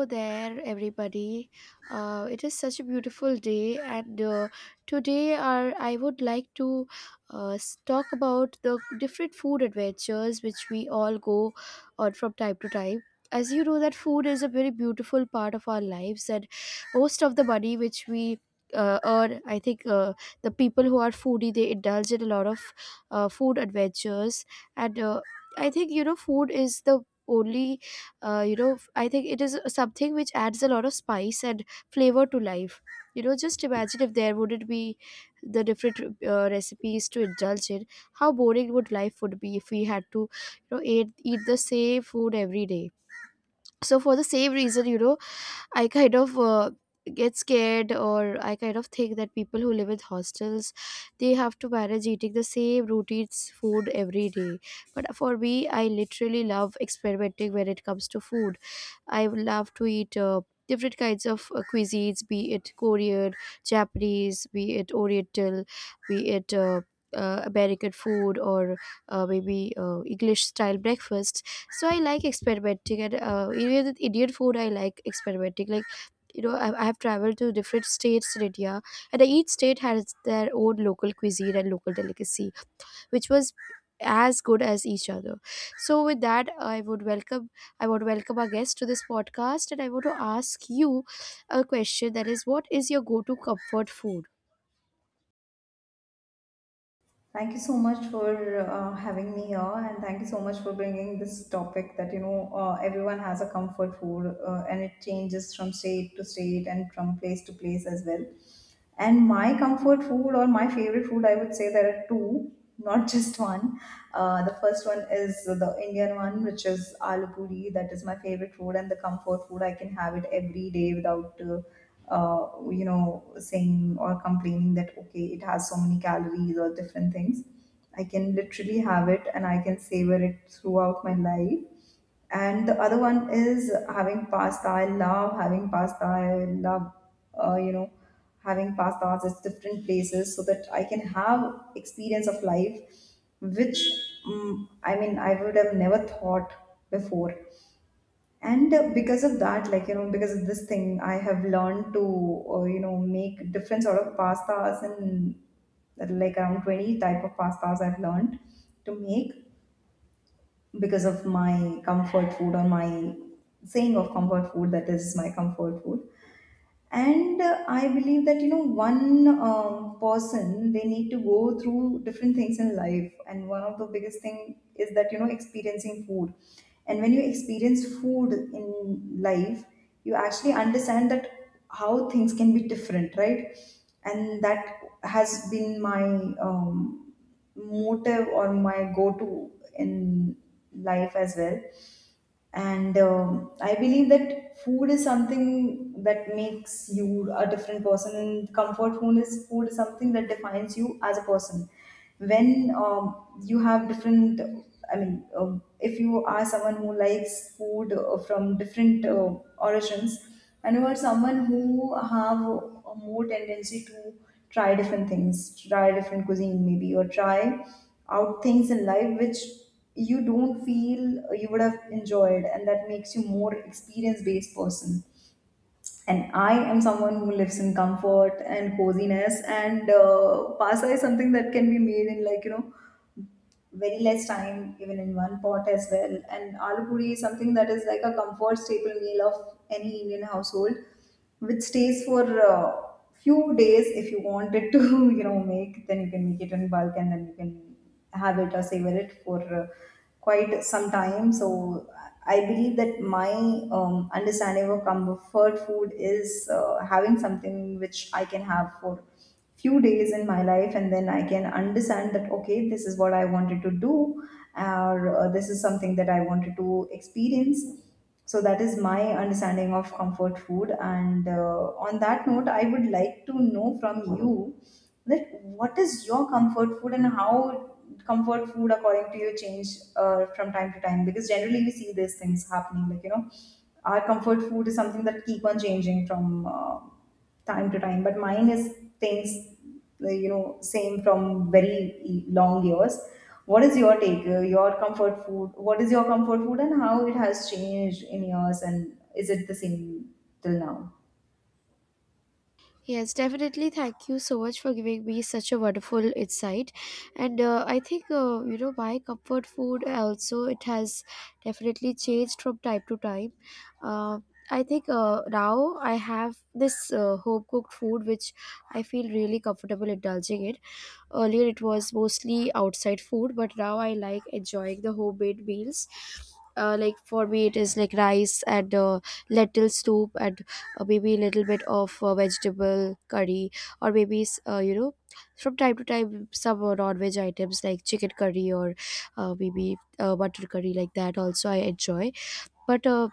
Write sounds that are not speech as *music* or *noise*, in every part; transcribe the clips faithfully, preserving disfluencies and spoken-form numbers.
Hello there everybody. Uh, it is such a beautiful day and uh, today our, I would like to uh, s- talk about the different food adventures which we all go on from time to time. As you know that food is a very beautiful part of our lives, and most of the money which we uh, earn, I think uh, the people who are foodie, they indulge in a lot of uh, food adventures. And uh, I think, you know, food is the only uh, you know I think it is something which adds a lot of spice and flavor to life. You know, just imagine if there wouldn't be the different uh, recipes to indulge in. How boring would life would be if we had to, you know, eat, eat the same food every day. So for the same reason, you know, I kind of uh, get scared, or I kind of think that people who live with hostels, they have to manage eating the same routine food every day. But for me, I literally love experimenting when it comes to food. I would love to eat. Uh, different kinds of uh, cuisines, be it Korean, Japanese, be it oriental, be it uh, uh, American food, or uh, maybe uh, English style breakfast. So I like experimenting, and uh, even with Indian food, I like experimenting. Like, you know, I, I have traveled to different states in India, and each state has their own local cuisine and local delicacy, which was as good as each other. So with that, I would welcome I would welcome our guest to this podcast, and I want to ask you a question, that is, what is your go-to comfort food? Thank you so much for uh, having me here, and thank you so much for bringing this topic that you know uh, everyone has a comfort food, uh, and it changes from state to state and from place to place as well. And my comfort food or my favorite food, I would say there are two, not just one. Uh, the first one is the Indian one, which is aloo puri. That is my favorite food and the comfort food. I can have it every day without, uh, uh, you know, saying or complaining that okay, it has so many calories or different things. I can literally have it and I can savor it throughout my life, and the other one is having pasta. I love having pasta. I love uh, you know having pastas at different places so that I can have experience of life, which, um, i mean I would have never thought before. And uh, because of that, like you know because of this thing, I have learned to uh, you know make different sort of pastas, and like around twenty type of pastas I've learned to make because of my comfort food, or my saying of comfort food, that is my comfort food. And uh, I believe that you know one um, person, they need to go through different things in life, and one of the biggest thing is that you know experiencing food. And when you experience food in life, you actually understand that how things can be different, right? And that has been my um, motive or my go to in life as well. And um, I believe that food is something that makes you a different person, and comfort food is, food is something that defines you as a person. When um, you have different, i mean um, if you are someone who likes food uh, from different uh, origins, and you are someone who have a more tendency to try different things, try different cuisine, maybe, or try out things in life which you don't feel you would have enjoyed, and that makes you more experience based person. And I am someone who lives in comfort and coziness, and uh, pasta is something that can be made in, like you know very less time, even in one pot as well. And aloo puri is something that is like a comfort staple meal of any Indian household, which stays for uh, few days, if you want it to. *laughs* you know, make, then you can make it in bulk, and then you can have it or savor it for uh, quite some time. So I believe that my um, understanding of comfort food is uh, having something which I can have for few days in my life, and then I can understand that okay, this is what I wanted to do, or uh, this is something that I wanted to experience. So that is my understanding of comfort food. And uh, on that note, I would like to know from you that what is your comfort food, and how comfort food, according to you, change uh, from time to time, because generally we see these things happening, like you know our comfort food is something that keep on changing from uh, time to time, but mine is things uh, you know same from very e- long years. What is your take, uh, your comfort food? What is your comfort food, and how it has changed in yours, and is it the same till now? Yes, definitely. Thank you so much for giving me such a wonderful insight. And uh, I think uh, you know, my comfort food also, it has definitely changed from time to time. Uh, I think uh, now I have this uh, home cooked food which I feel really comfortable indulging in. Earlier it was mostly outside food, but now I like enjoying the homemade meals. Uh, like for me, it is like rice and uh, lentil soup, and or maybe a little bit of uh, vegetable curry, or maybe s- uh, you know, from time to time, some uh, non-veg items like chicken curry or uh, maybe uh, butter curry, like that also I enjoy. But uh,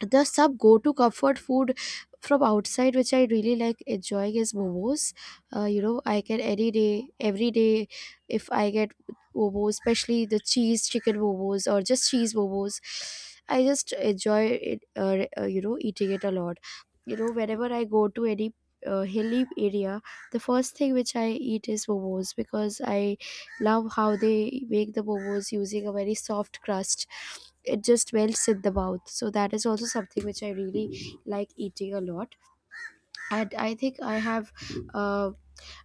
the sub go-to comfort food from outside which I really like enjoying is momos. Uh, you know, I can any day, every day, if I get momos, especially the cheese chicken momos or just cheese momos, I just enjoy it, uh, uh, you know, eating it a lot. You know, whenever I go to any uh, hilly area, the first thing which I eat is momos, because I love how they make the momos using a very soft crust. It just melts in the mouth, so that is also something which I really like eating a lot. And I think I have uh,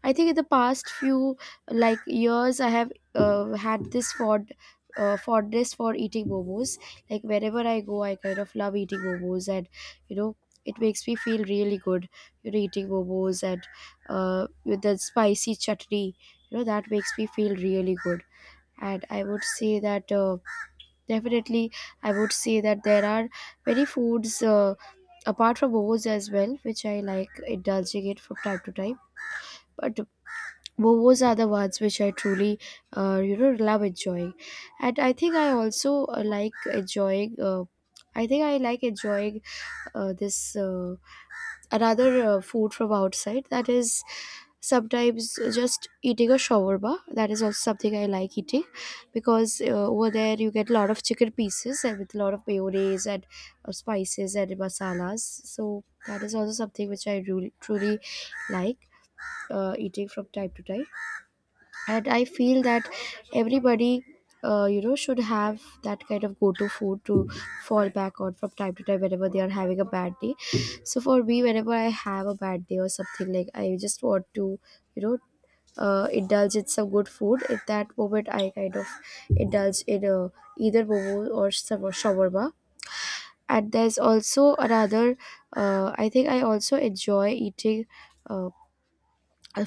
I think in the past few like years, I have uh, had this fond uh, fondness for eating momos. Like wherever I go, I kind of love eating momos, and you know, it makes me feel really good, you know, eating momos. And uh, with the spicy chutney, you know, that makes me feel really good. And I would say that, uh, definitely, I would say that there are many foods uh, apart from momos as well, which I like indulging in from time to time. But momos are the ones which I truly, uh, you know, love enjoying. And I think I also uh, like enjoying. Uh, I think I like enjoying uh, this. Uh, another uh, food from outside, that is sometimes just eating a shawarma. That is also something I like eating, because uh, over there you get a lot of chicken pieces and with a lot of mayonnaise and uh, spices and masalas. So that is also something which I really, truly like uh, eating from time to time. And I feel that everybody, uh, you know, should have that kind of go-to food to fall back on from time to time, whenever they are having a bad day. So for me, whenever I have a bad day or something, like I just want to, you know, uh, indulge in some good food, at that moment I kind of indulge in uh, either momo or some shawarma. And there's also another, uh, i think I also enjoy eating, uh,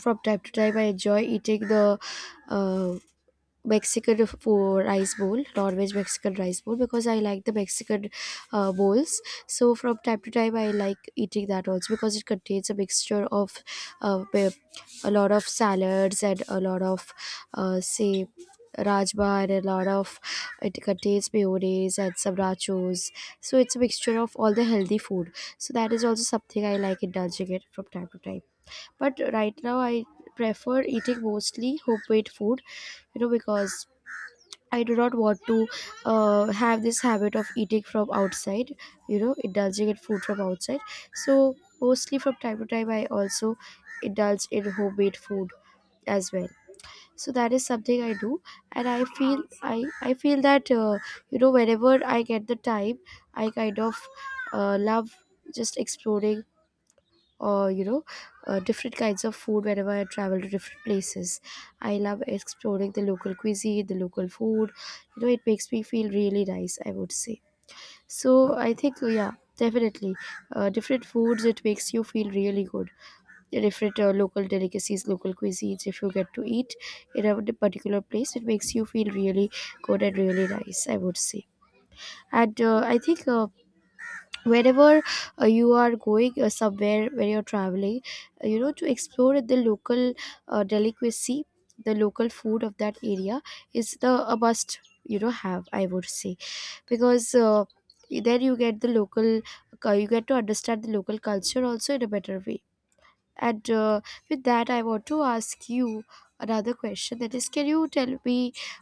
from time to time, I enjoy eating the uh, Mexican for rice bowl, non-veg Mexican rice bowl, because I like the Mexican uh, bowls. So from time to time, I like eating that also, because it contains a mixture of uh, pe- a lot of salads and a lot of uh, say rajma, and a lot of, it contains mayonnaise and some nachos. So it's a mixture of all the healthy food. So that is also something I like indulging it from time to time. But right now, I prefer eating mostly homemade food, you know, because I do not want to uh, have this habit of eating from outside, you know, indulging in food from outside. So, mostly from time to time, I also indulge in homemade food as well. So that is something I do. And I feel i i feel that, uh, you know, whenever I get the time, I kind of uh, love just exploring, or you know, uh, different kinds of food. Whenever I travel to different places, I love exploring the local cuisine, the local food. You know, it makes me feel really nice, I would say. So I think so, yeah, definitely, uh, different foods, it makes you feel really good. The different uh, local delicacies, local cuisines, if you get to eat in a particular place, it makes you feel really good and really nice, I would say. And uh, I think, uh, wherever uh, you are going, uh, somewhere where you're traveling, uh, you know, to explore the local uh, delicacy, the local food of that area is the a must, you know, have, I would say. Because uh, then you get the local, uh, you get to understand the local culture also in a better way. And uh, with that, I want to ask you another question, that is, can you tell me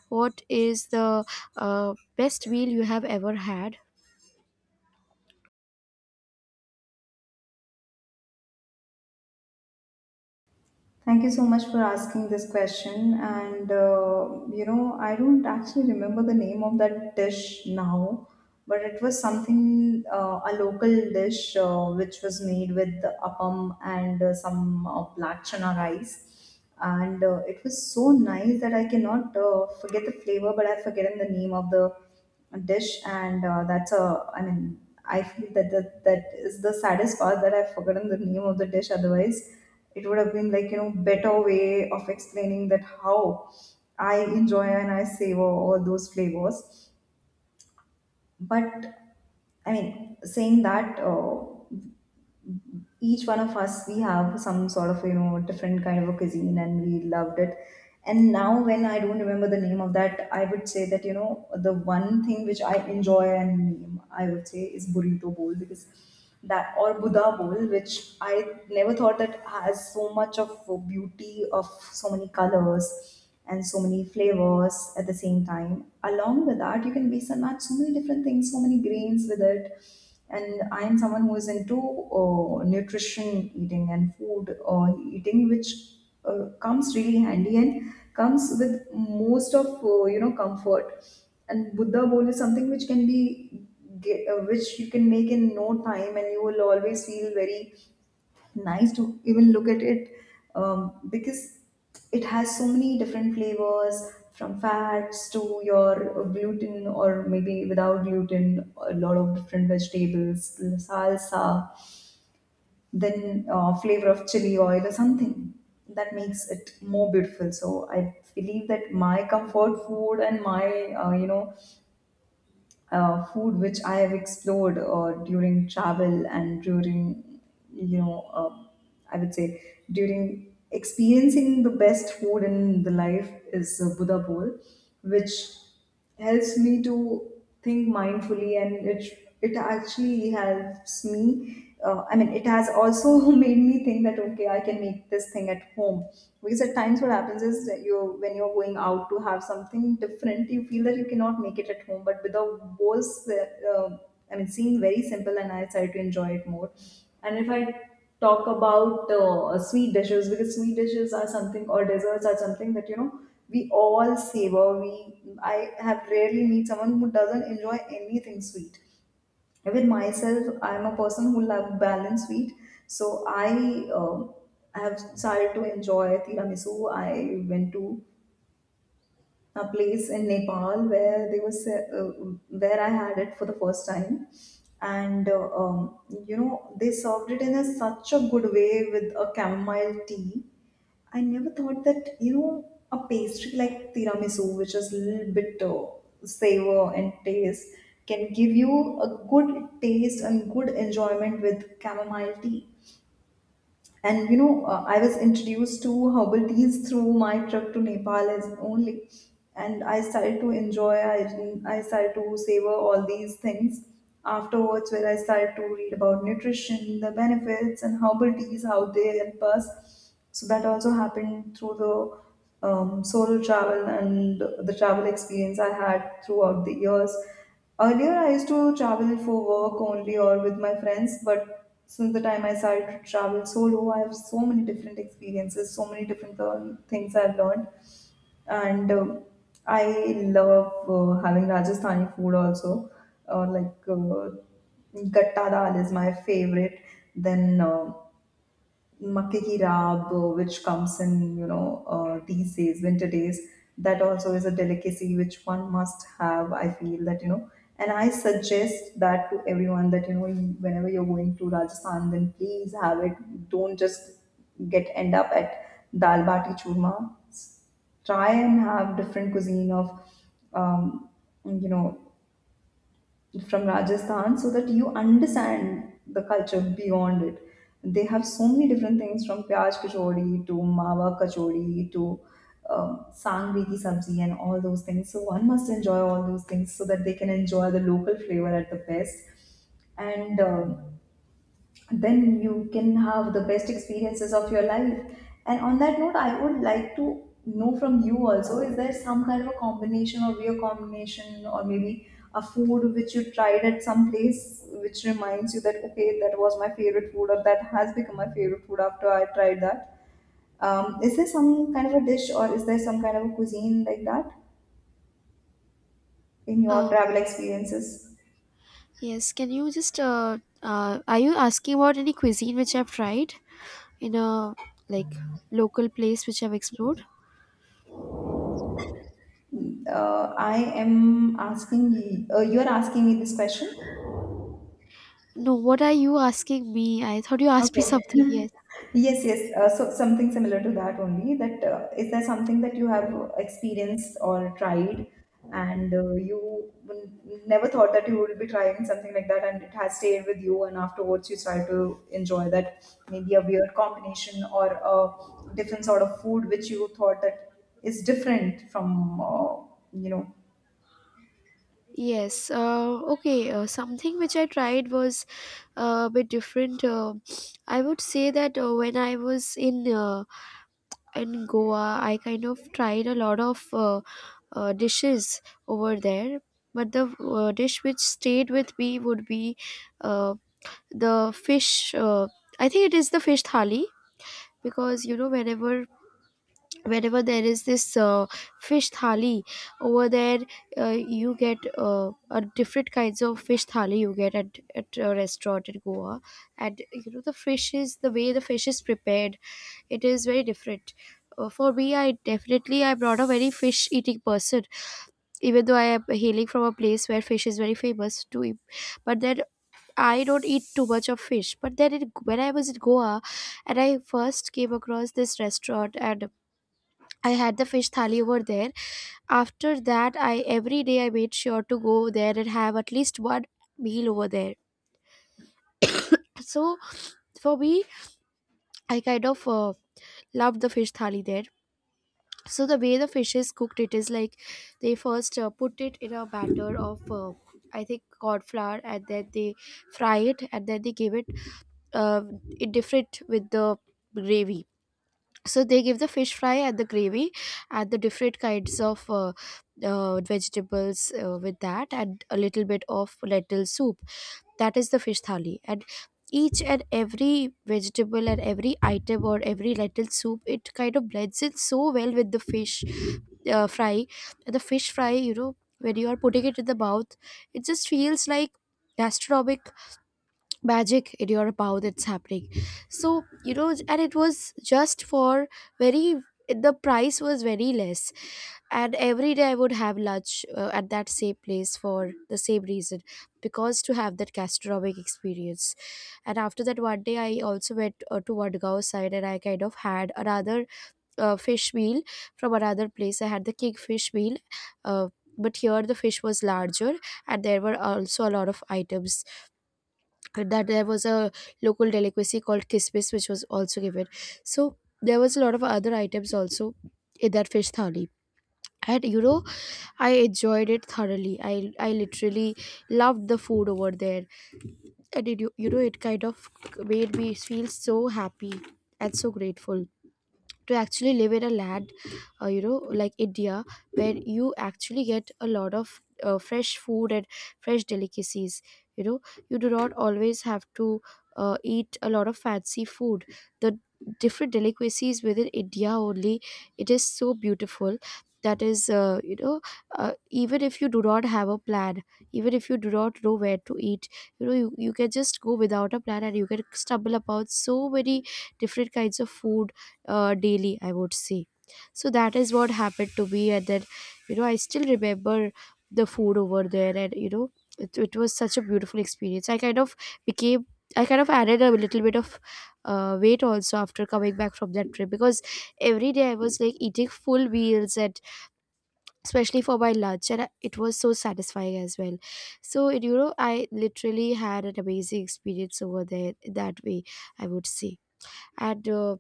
what is the uh, best meal you have ever had? Thank you so much for asking this question. And uh, you know, I don't actually remember the name of that dish now, but it was something uh, a local dish uh, which was made with appam and uh, some uh, black chana rice, and uh, it was so nice that I cannot uh, forget the flavor, but I've forgotten the name of the dish. And uh, that's a I mean I feel that that, that is the saddest part, that I've forgotten the name of the dish. Otherwise, it would have been like you know better way of explaining that how I enjoy and I savor all those flavors. But I mean, saying that. Uh, each one of us, we have some sort of you know different kind of a cuisine and we loved it. And now when I don't remember the name of that, I would say that you know the one thing which I enjoy and name, I would say, is burrito bowl, because that or buddha bowl, which I never thought that has so much of beauty, of so many colors and so many flavors at the same time, along with that you can base on that so many different things, so many grains with it. And I am someone who is into uh, nutrition eating and food uh, eating, which uh, comes really handy and comes with most of uh, you know comfort. And buddha bowl is something which can be get, uh, which you can make in no time, and you will always feel very nice to even look at it, um, because it has so many different flavors, from fats to your gluten, or maybe without gluten, a lot of different vegetables, salsa, then uh, flavor of chili oil or something that makes it more beautiful. So I believe that my comfort food and my uh, you know uh, food which I have explored uh, during travel and during, you know, uh, I would say, during experiencing the best food in the life, is uh, Buddha bowl, which helps me to think mindfully, and it it actually helps me, uh, I mean, it has also *laughs* made me think that okay, I can make this thing at home, because at times what happens is that you, when you're going out to have something different, you feel that you cannot make it at home. But with a was, uh, I mean, seeing very simple, and I started to enjoy it more. And if I talk about uh, sweet dishes, because sweet dishes are something, or desserts are something that you know we all savor. We I have rarely meet someone who doesn't enjoy anything sweet. With myself, I'm a person who love balanced sweet. So I um have started to enjoy tiramisu. I went to a place in Nepal where they was, uh, where I had it for the first time. And uh, um, you know they served it in a, such a good way, with a chamomile tea. I never thought that, you know, a pastry like tiramisu, which is a little bit uh, savor and taste, can give you a good taste and good enjoyment with chamomile tea. And you know uh, I was introduced to herbal teas through my trip to Nepal as only. And I started to enjoy, i, I started to savor all these things afterwards, where I started to read about nutrition, the benefits and herbal teas, how they help us. So that also happened through the um, solo travel and the travel experience I had throughout the years. Earlier, I used to travel for work only or with my friends, but since the time I started to travel solo, I have so many different experiences, so many different learn- things I've learned. And um, I love uh, having Rajasthani food also. Uh, like uh, gatta dal is my favorite. Then uh, makke ki raab, uh, which comes in, you know, uh, these days, winter days, that also is a delicacy which one must have. I feel that, you know, and I suggest that to everyone that, you know, you- whenever you're going to Rajasthan, then please have it. Don't just get end up at dal bati churma. Try and have different cuisine of, um, you know, from Rajasthan, so that you understand the culture beyond it. They have so many different things, from pyaj kachori to mawa kachori to um, sangri ki sabzi and all those things. So one must enjoy all those things so that they can enjoy the local flavor at the best. And um then you can have the best experiences of your life. And on that note, I would like to know from you also, is there some kind of a combination, or beer combination, or maybe a food which you tried at some place which reminds you that okay, that was my favorite food, or that has become my favorite food after I tried that. Um, is there some kind of a dish, or is there some kind of a cuisine like that in your travel experiences? Yes, can you just uh, uh are you asking about any cuisine which I've tried in a, like, local place which I've explored? Uh, I am asking, uh, you are asking me this question. No, what are you asking me? I thought you asked me Okay. something. *laughs* Yes. Yes, yes. Uh, so something similar to that only. That uh, is there something that you have experienced or tried, and uh, you n- never thought that you would be trying something like that, and it has stayed with you, and afterwards you try to enjoy that maybe a weird combination or a different sort of food which you thought that is different from, uh, you know. Yes. Uh, okay. Uh, something which I tried was uh, a bit different. Uh, I would say that uh, when I was in uh, in Goa, I kind of tried a lot of uh, uh, dishes over there. But the uh, dish which stayed with me would be uh, the fish uh, I think, it is the fish thali. Because, you know, whenever whenever there is this uh, fish thali over there, uh, you get uh, a different kinds of fish thali you get at, at a restaurant in Goa. And you know, the fish is, the way the fish is prepared, it is very different. Uh, for me, I definitely, I'm not a very fish eating person, even though I am hailing from a place where fish is very famous to eat. But then I don't eat too much of fish, but then in, when I was in Goa and I first came across this restaurant and I had the fish thali over there. After that, I every day I made sure to go there and have at least one meal over there. So for me, I kind of uh, love the fish thali there. So the way the fish is cooked, it is like they first uh, put it in a batter of uh, I think corn flour, and then they fry it and then they give it uh, in different with the gravy. So they give the fish fry at the gravy, add the different kinds of uh, uh, vegetables uh, with that and a little bit of lentil soup. That is the fish thali, and each and every vegetable and every item or every lentil soup, it kind of blends in so well with the fish uh, fry. And the fish fry, you know, when you are putting it in the mouth, it just feels like gastronomic magic in your mouth, it's happening. So you know, and it was just for very, the price was very less, and every day I would have lunch uh, at that same place for the same reason, because to have that gastronomic experience. And after that, one day I also went uh, to Vadgaon side, and I kind of had another uh, fish meal from another place. I had the kingfish meal. uh, but here the fish was larger, and there were also a lot of items. That there was a local delicacy called kismis, which was also given. So there was a lot of other items also in that fish thali. And you know, I enjoyed it thoroughly. I i literally loved the food over there. And it, you you know it kind of made me feel so happy and so grateful to actually live in a land, uh, you know, like India, where you actually get a lot of uh, fresh food and fresh delicacies. You know, you do not always have to uh, eat a lot of fancy food. The different delicacies within India only, it is so beautiful. That is uh, you know, uh, even if you do not have a plan, even if you do not know where to eat, you know, you, you can just go without a plan and you can stumble upon so many different kinds of food, uh, daily, I would say. So that is what happened to me. And then, you know, I still remember the food over there. And you know, it, it was such a beautiful experience. I kind of became, I kind of added a little bit of uh, weight also after coming back from that trip, because every day I was like eating full meals, and especially for my lunch. And I- it was so satisfying as well. So and, you know, I literally had an amazing experience over there, in that way, I would say. And uh,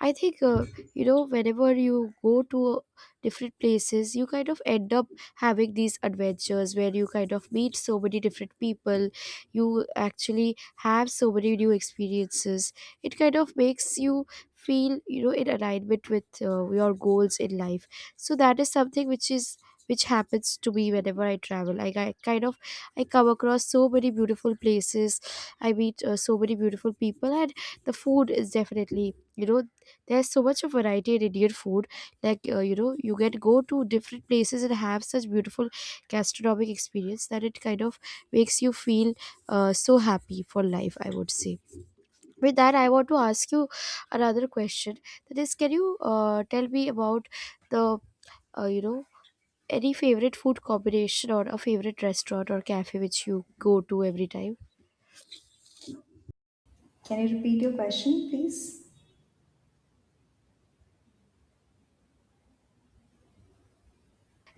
I think, uh, you know, whenever you go to different places, you kind of end up having these adventures where you kind of meet so many different people. You actually have so many new experiences. It kind of makes you feel, you know, in alignment with uh, your goals in life. So that is something which is which happens to me whenever I travel. Like, I kind of, I come across so many beautiful places, I meet uh, so many beautiful people, and the food is definitely, you know, there's so much of variety in Indian food. Like, uh, you know, you can go to different places and have such beautiful gastronomic experience that it kind of makes you feel uh, so happy for life, I would say. With that, I want to ask you another question, that is, can you uh, tell me about the uh, you know, any favorite food combination or a favorite restaurant or cafe which you go to every time? Can you repeat your question, please?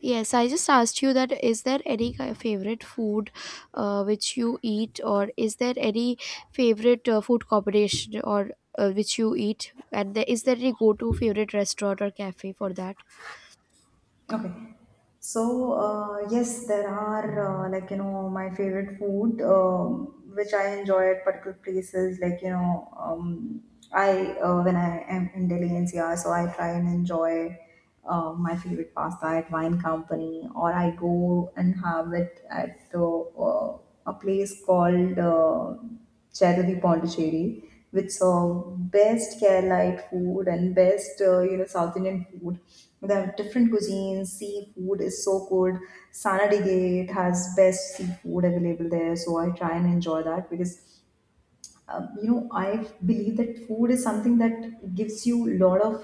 Yes, I just asked you that, is there any ki- favorite food uh, which you eat, or is there any favorite uh, food combination or uh, which you eat, and there, is there any go to favorite restaurant or cafe for that? Okay. So, uh, yes, there are uh, like you know my favorite food, um which I enjoy at particular places. Like you know, um, I uh, when I am in Delhi N C R, so I try and enjoy uh, my favorite pasta at Wine Company, or I go and have it at uh, uh, a place called. Uh, Cheruli Pondicherry, which serve best Keralite food and best uh, you know South Indian food. They have different cuisines. Seafood is so good. Sanadi Gate has best seafood available there, so I try and enjoy that because uh, you know I believe that food is something that gives you a lot of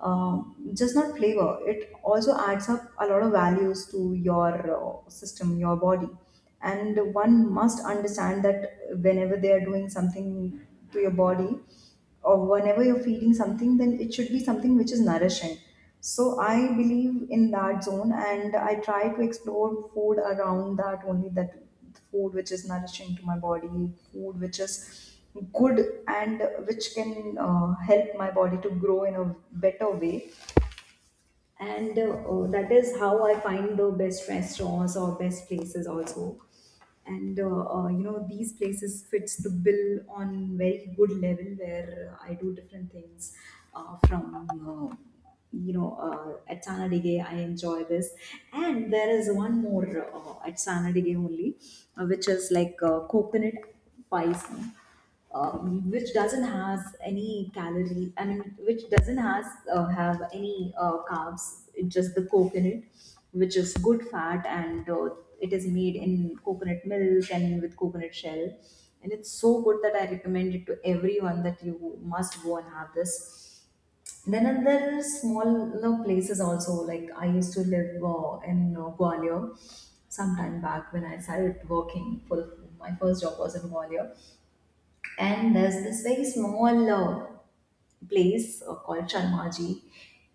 um just not flavor. It also adds up a lot of values to your uh, system, your body, and one must understand that whenever they are doing something to your body or whenever you're feeling something, then it should be something which is nourishing. So I believe in that zone, and I try to explore food around that only. That food which is nourishing to my body, food which is good and which can uh, help my body to grow in a better way, and uh, uh, that is how I find the best restaurants or best places also. And uh, uh, you know, these places fits the bill on very good level where uh, I do different things, uh, from uh, you know uh, at Sanadige I enjoy this. And there is one more uh, at Sanadige only, uh, which is like uh, coconut pies no? uh, which doesn't has any calorie. I mean, which doesn't has uh, have any uh, carbs. It's just the coconut, which is good fat, and uh, it is made in coconut milk and with coconut shell, and it's so good that I recommend it to everyone that you must go and have this. Then another small you know places also, like I used to live uh, in uh, Gwalior some time back when I started working for, my first job was in Gwalior, and there's this very small uh, place uh, called Sharmaji.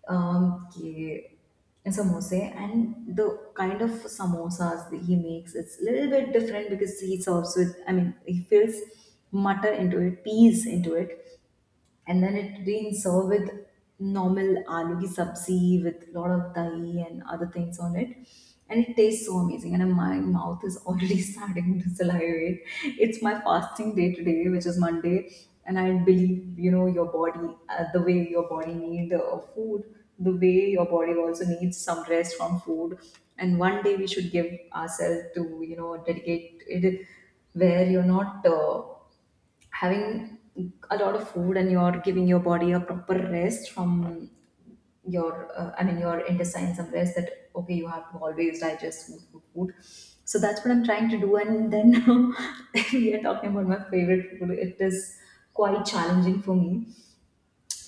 Um, ke samosa, and the kind of samosas that he makes, it's a little bit different because he serves with, I mean he fills mutter into it, peas into it, and then it being served with normal aloo ki sabzi with lot of dahi and other things on it, and it tastes so amazing. And my mouth is already *laughs* starting to salivate. It's my fasting day today, which is Monday, and I believe you know your body, uh, the way your body need uh, food, the way your body also needs some rest from food. And one day we should give ourselves to, you know, dedicate it where you're not uh, having a lot of food and you're giving your body a proper rest from your, uh, I mean your intestines, some rest. That okay, you have to always digest food, food, food. So that's what I'm trying to do. And then *laughs* we are talking about my favorite food, it is quite challenging for me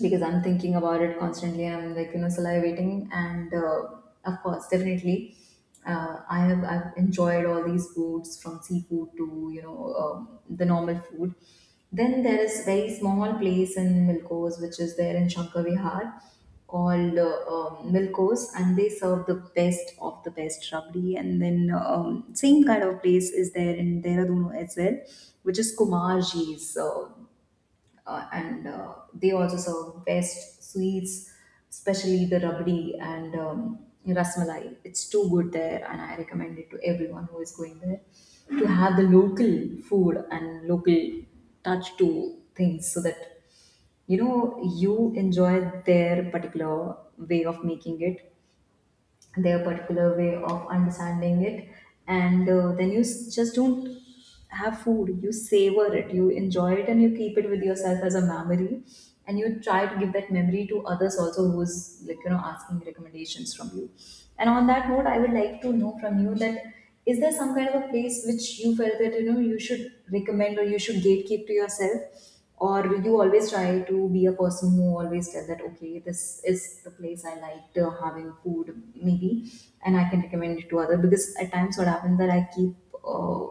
because I'm thinking about it constantly. I'm like you know salivating, and uh, of course, definitely, uh, I have I've enjoyed all these foods from seafood to you know um, the normal food. Then there is very small place in Milkos, which is there in Shankar Vihar, called uh, um, Milkos, and they serve the best of the best rabdi. And then um, same kind of place is there in Dehradun as well, which is Kumarji's. Uh, uh, and uh, they also serve best sweets, especially the rabdi and um, rasmalai. It's too good there, and I recommend it to everyone who is going there to have the local food and local touch to things, so that you know you enjoy their particular way of making it, their particular way of understanding it. And uh, then you s- just don't have food, you savor it, you enjoy it, and you keep it with yourself as a memory. And you try to give that memory to others also, who's like you know asking recommendations from you. And on that note, I would like to know from you that is there some kind of a place which you felt that you know you should recommend or you should gatekeep to yourself, or you always try to be a person who always said that okay, this is the place I liked uh, having food maybe, and I can recommend it to other. Because at times what happens that I keep uh,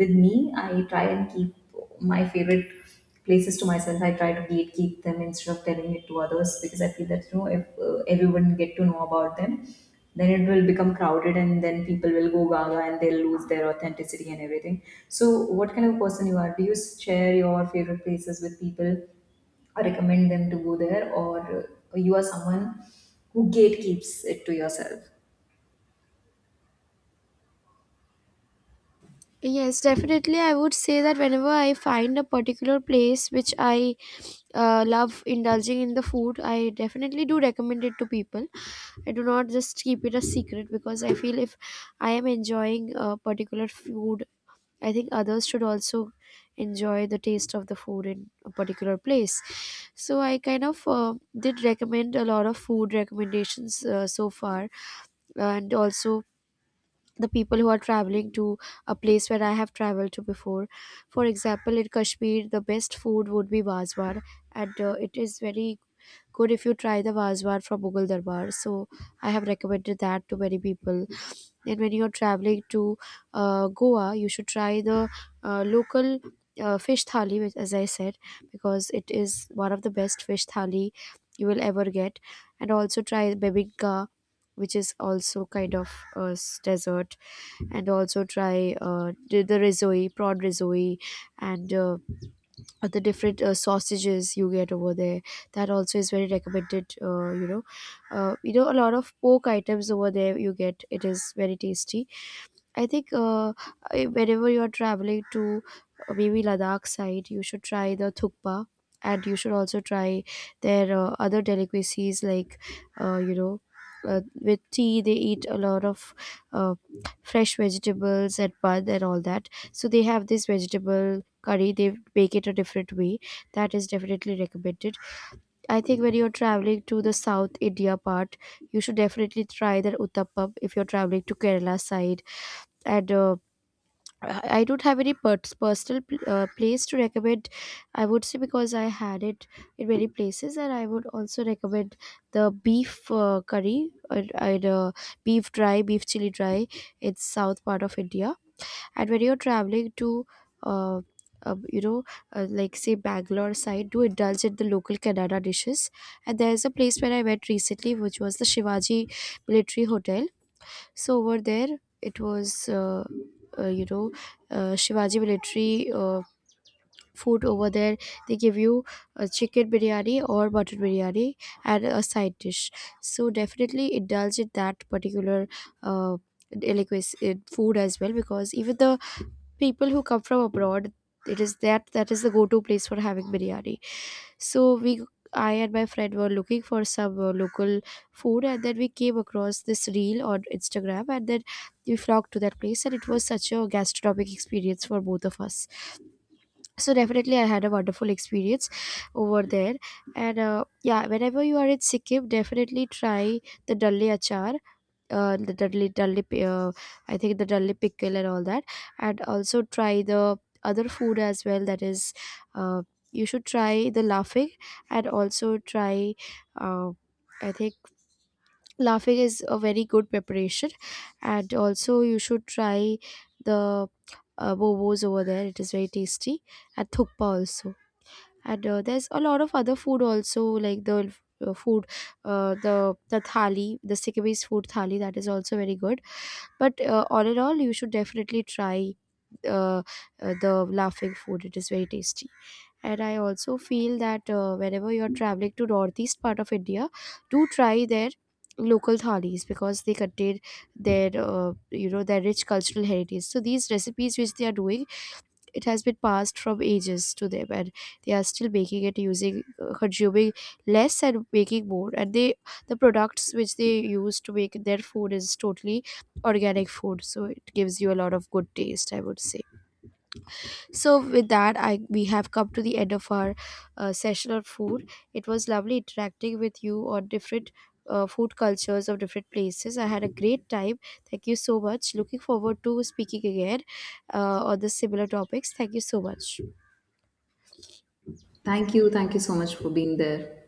with me, I try and keep my favorite places to myself, I try to gatekeep them instead of telling it to others, because I feel that you know if uh, everyone get to know about them, then it will become crowded and then people will go gaga and they'll lose their authenticity and everything. So what kind of a person you are? Do you share your favorite places with people or recommend them to go there, or you are someone who gatekeeps it to yourself? Yes, definitely. I would say that whenever I find a particular place which I uh, love indulging in the food, I definitely do recommend it to people. I do not just keep it a secret, because I feel if I am enjoying a particular food, I think others should also enjoy the taste of the food in a particular place. So I kind of uh, did recommend a lot of food recommendations uh, so far, and also the people who are traveling to a place where I have traveled to before. For example, in Kashmir, the best food would be wazwar, and uh, it is very good if you try the wazwar from Mughal Darbar. So I have recommended that to many people. And when you are traveling to uh, Goa, you should try the uh, local, Uh, fish thali, which, as I said, because it is one of the best fish thali you will ever get, and also try bebiga, which is also kind of a s- dessert, and also try uh, the the risoi, prawn risoi, and uh, the different uh, sausages you get over there. That also is very recommended. Uh, you know, uh, you know, a lot of pork items over there you get, it is very tasty. I think, uh, I- whenever you are traveling to uh, maybe Ladakh side, you should try the thukpa, and you should also try their uh, other delicacies like, uh, you know, Uh, with tea, they eat a lot of uh, fresh vegetables and bun and all that. So they have this vegetable curry. They make it a different way. That is definitely recommended. I think when you're traveling to the South India part, you should definitely try their uttappam if you're traveling to Kerala side and. Uh, I I don't have any pers- personal pl- uh, place to recommend, I would say, because I had it in many places. And I would also recommend the beef uh, curry, and, and uh, beef dry, beef chili dry. It's south part of India. And when you're traveling to, uh, uh, you know, uh, like say Bangalore side, do indulge in the local Kannada dishes. And there's a place where I went recently, which was the Shivaji Military Hotel. So over there, it was uh, uh, you know, uh, Shivaji military uh, food over there. They give you a chicken biryani or butter biryani and a side dish. So definitely indulge in that particular uh, delicacy in food as well, because even the people who come from abroad, it is that that is the go-to place for having biryani. So we, I and my friend were looking for some uh, local food, and then we came across this reel on Instagram, and then we flocked to that place, and it was such a gastronomic experience for both of us. So definitely I had a wonderful experience over there. And uh, yeah, whenever you are in Sikkim, definitely try the dalle achar, uh, the dudley dudley pi- uh, I think the dudley pickle and all that. And also try the other food as well, that is, uh, you should try the laughing, and also try, uh, I think laughing is a very good preparation. And also you should try the uh, bobos over there, it is very tasty. And thukpa also. And uh, there's a lot of other food also, like the uh, food, uh, the the thali, the Sikkimese food thali, that is also very good. But uh, all in all, you should definitely try uh, uh, the laughing food. It is very tasty. And I also feel that uh, whenever you're traveling to northeast part of India, do try their local thalis, because they contain their uh, you know, their rich cultural heritage. So these recipes which they are doing, it has been passed from ages to them, and they are still making it using uh, consuming less and making more. And they, the products which they use to make their food is totally organic food, so it gives you a lot of good taste, I would say. So with that, I we have come to the end of our uh, session on food. It was lovely interacting with you on different uh, food cultures of different places. I had a great time. Thank you so much. Looking forward to speaking again uh, on the similar topics. Thank you so much. Thank you. Thank you so much for being there.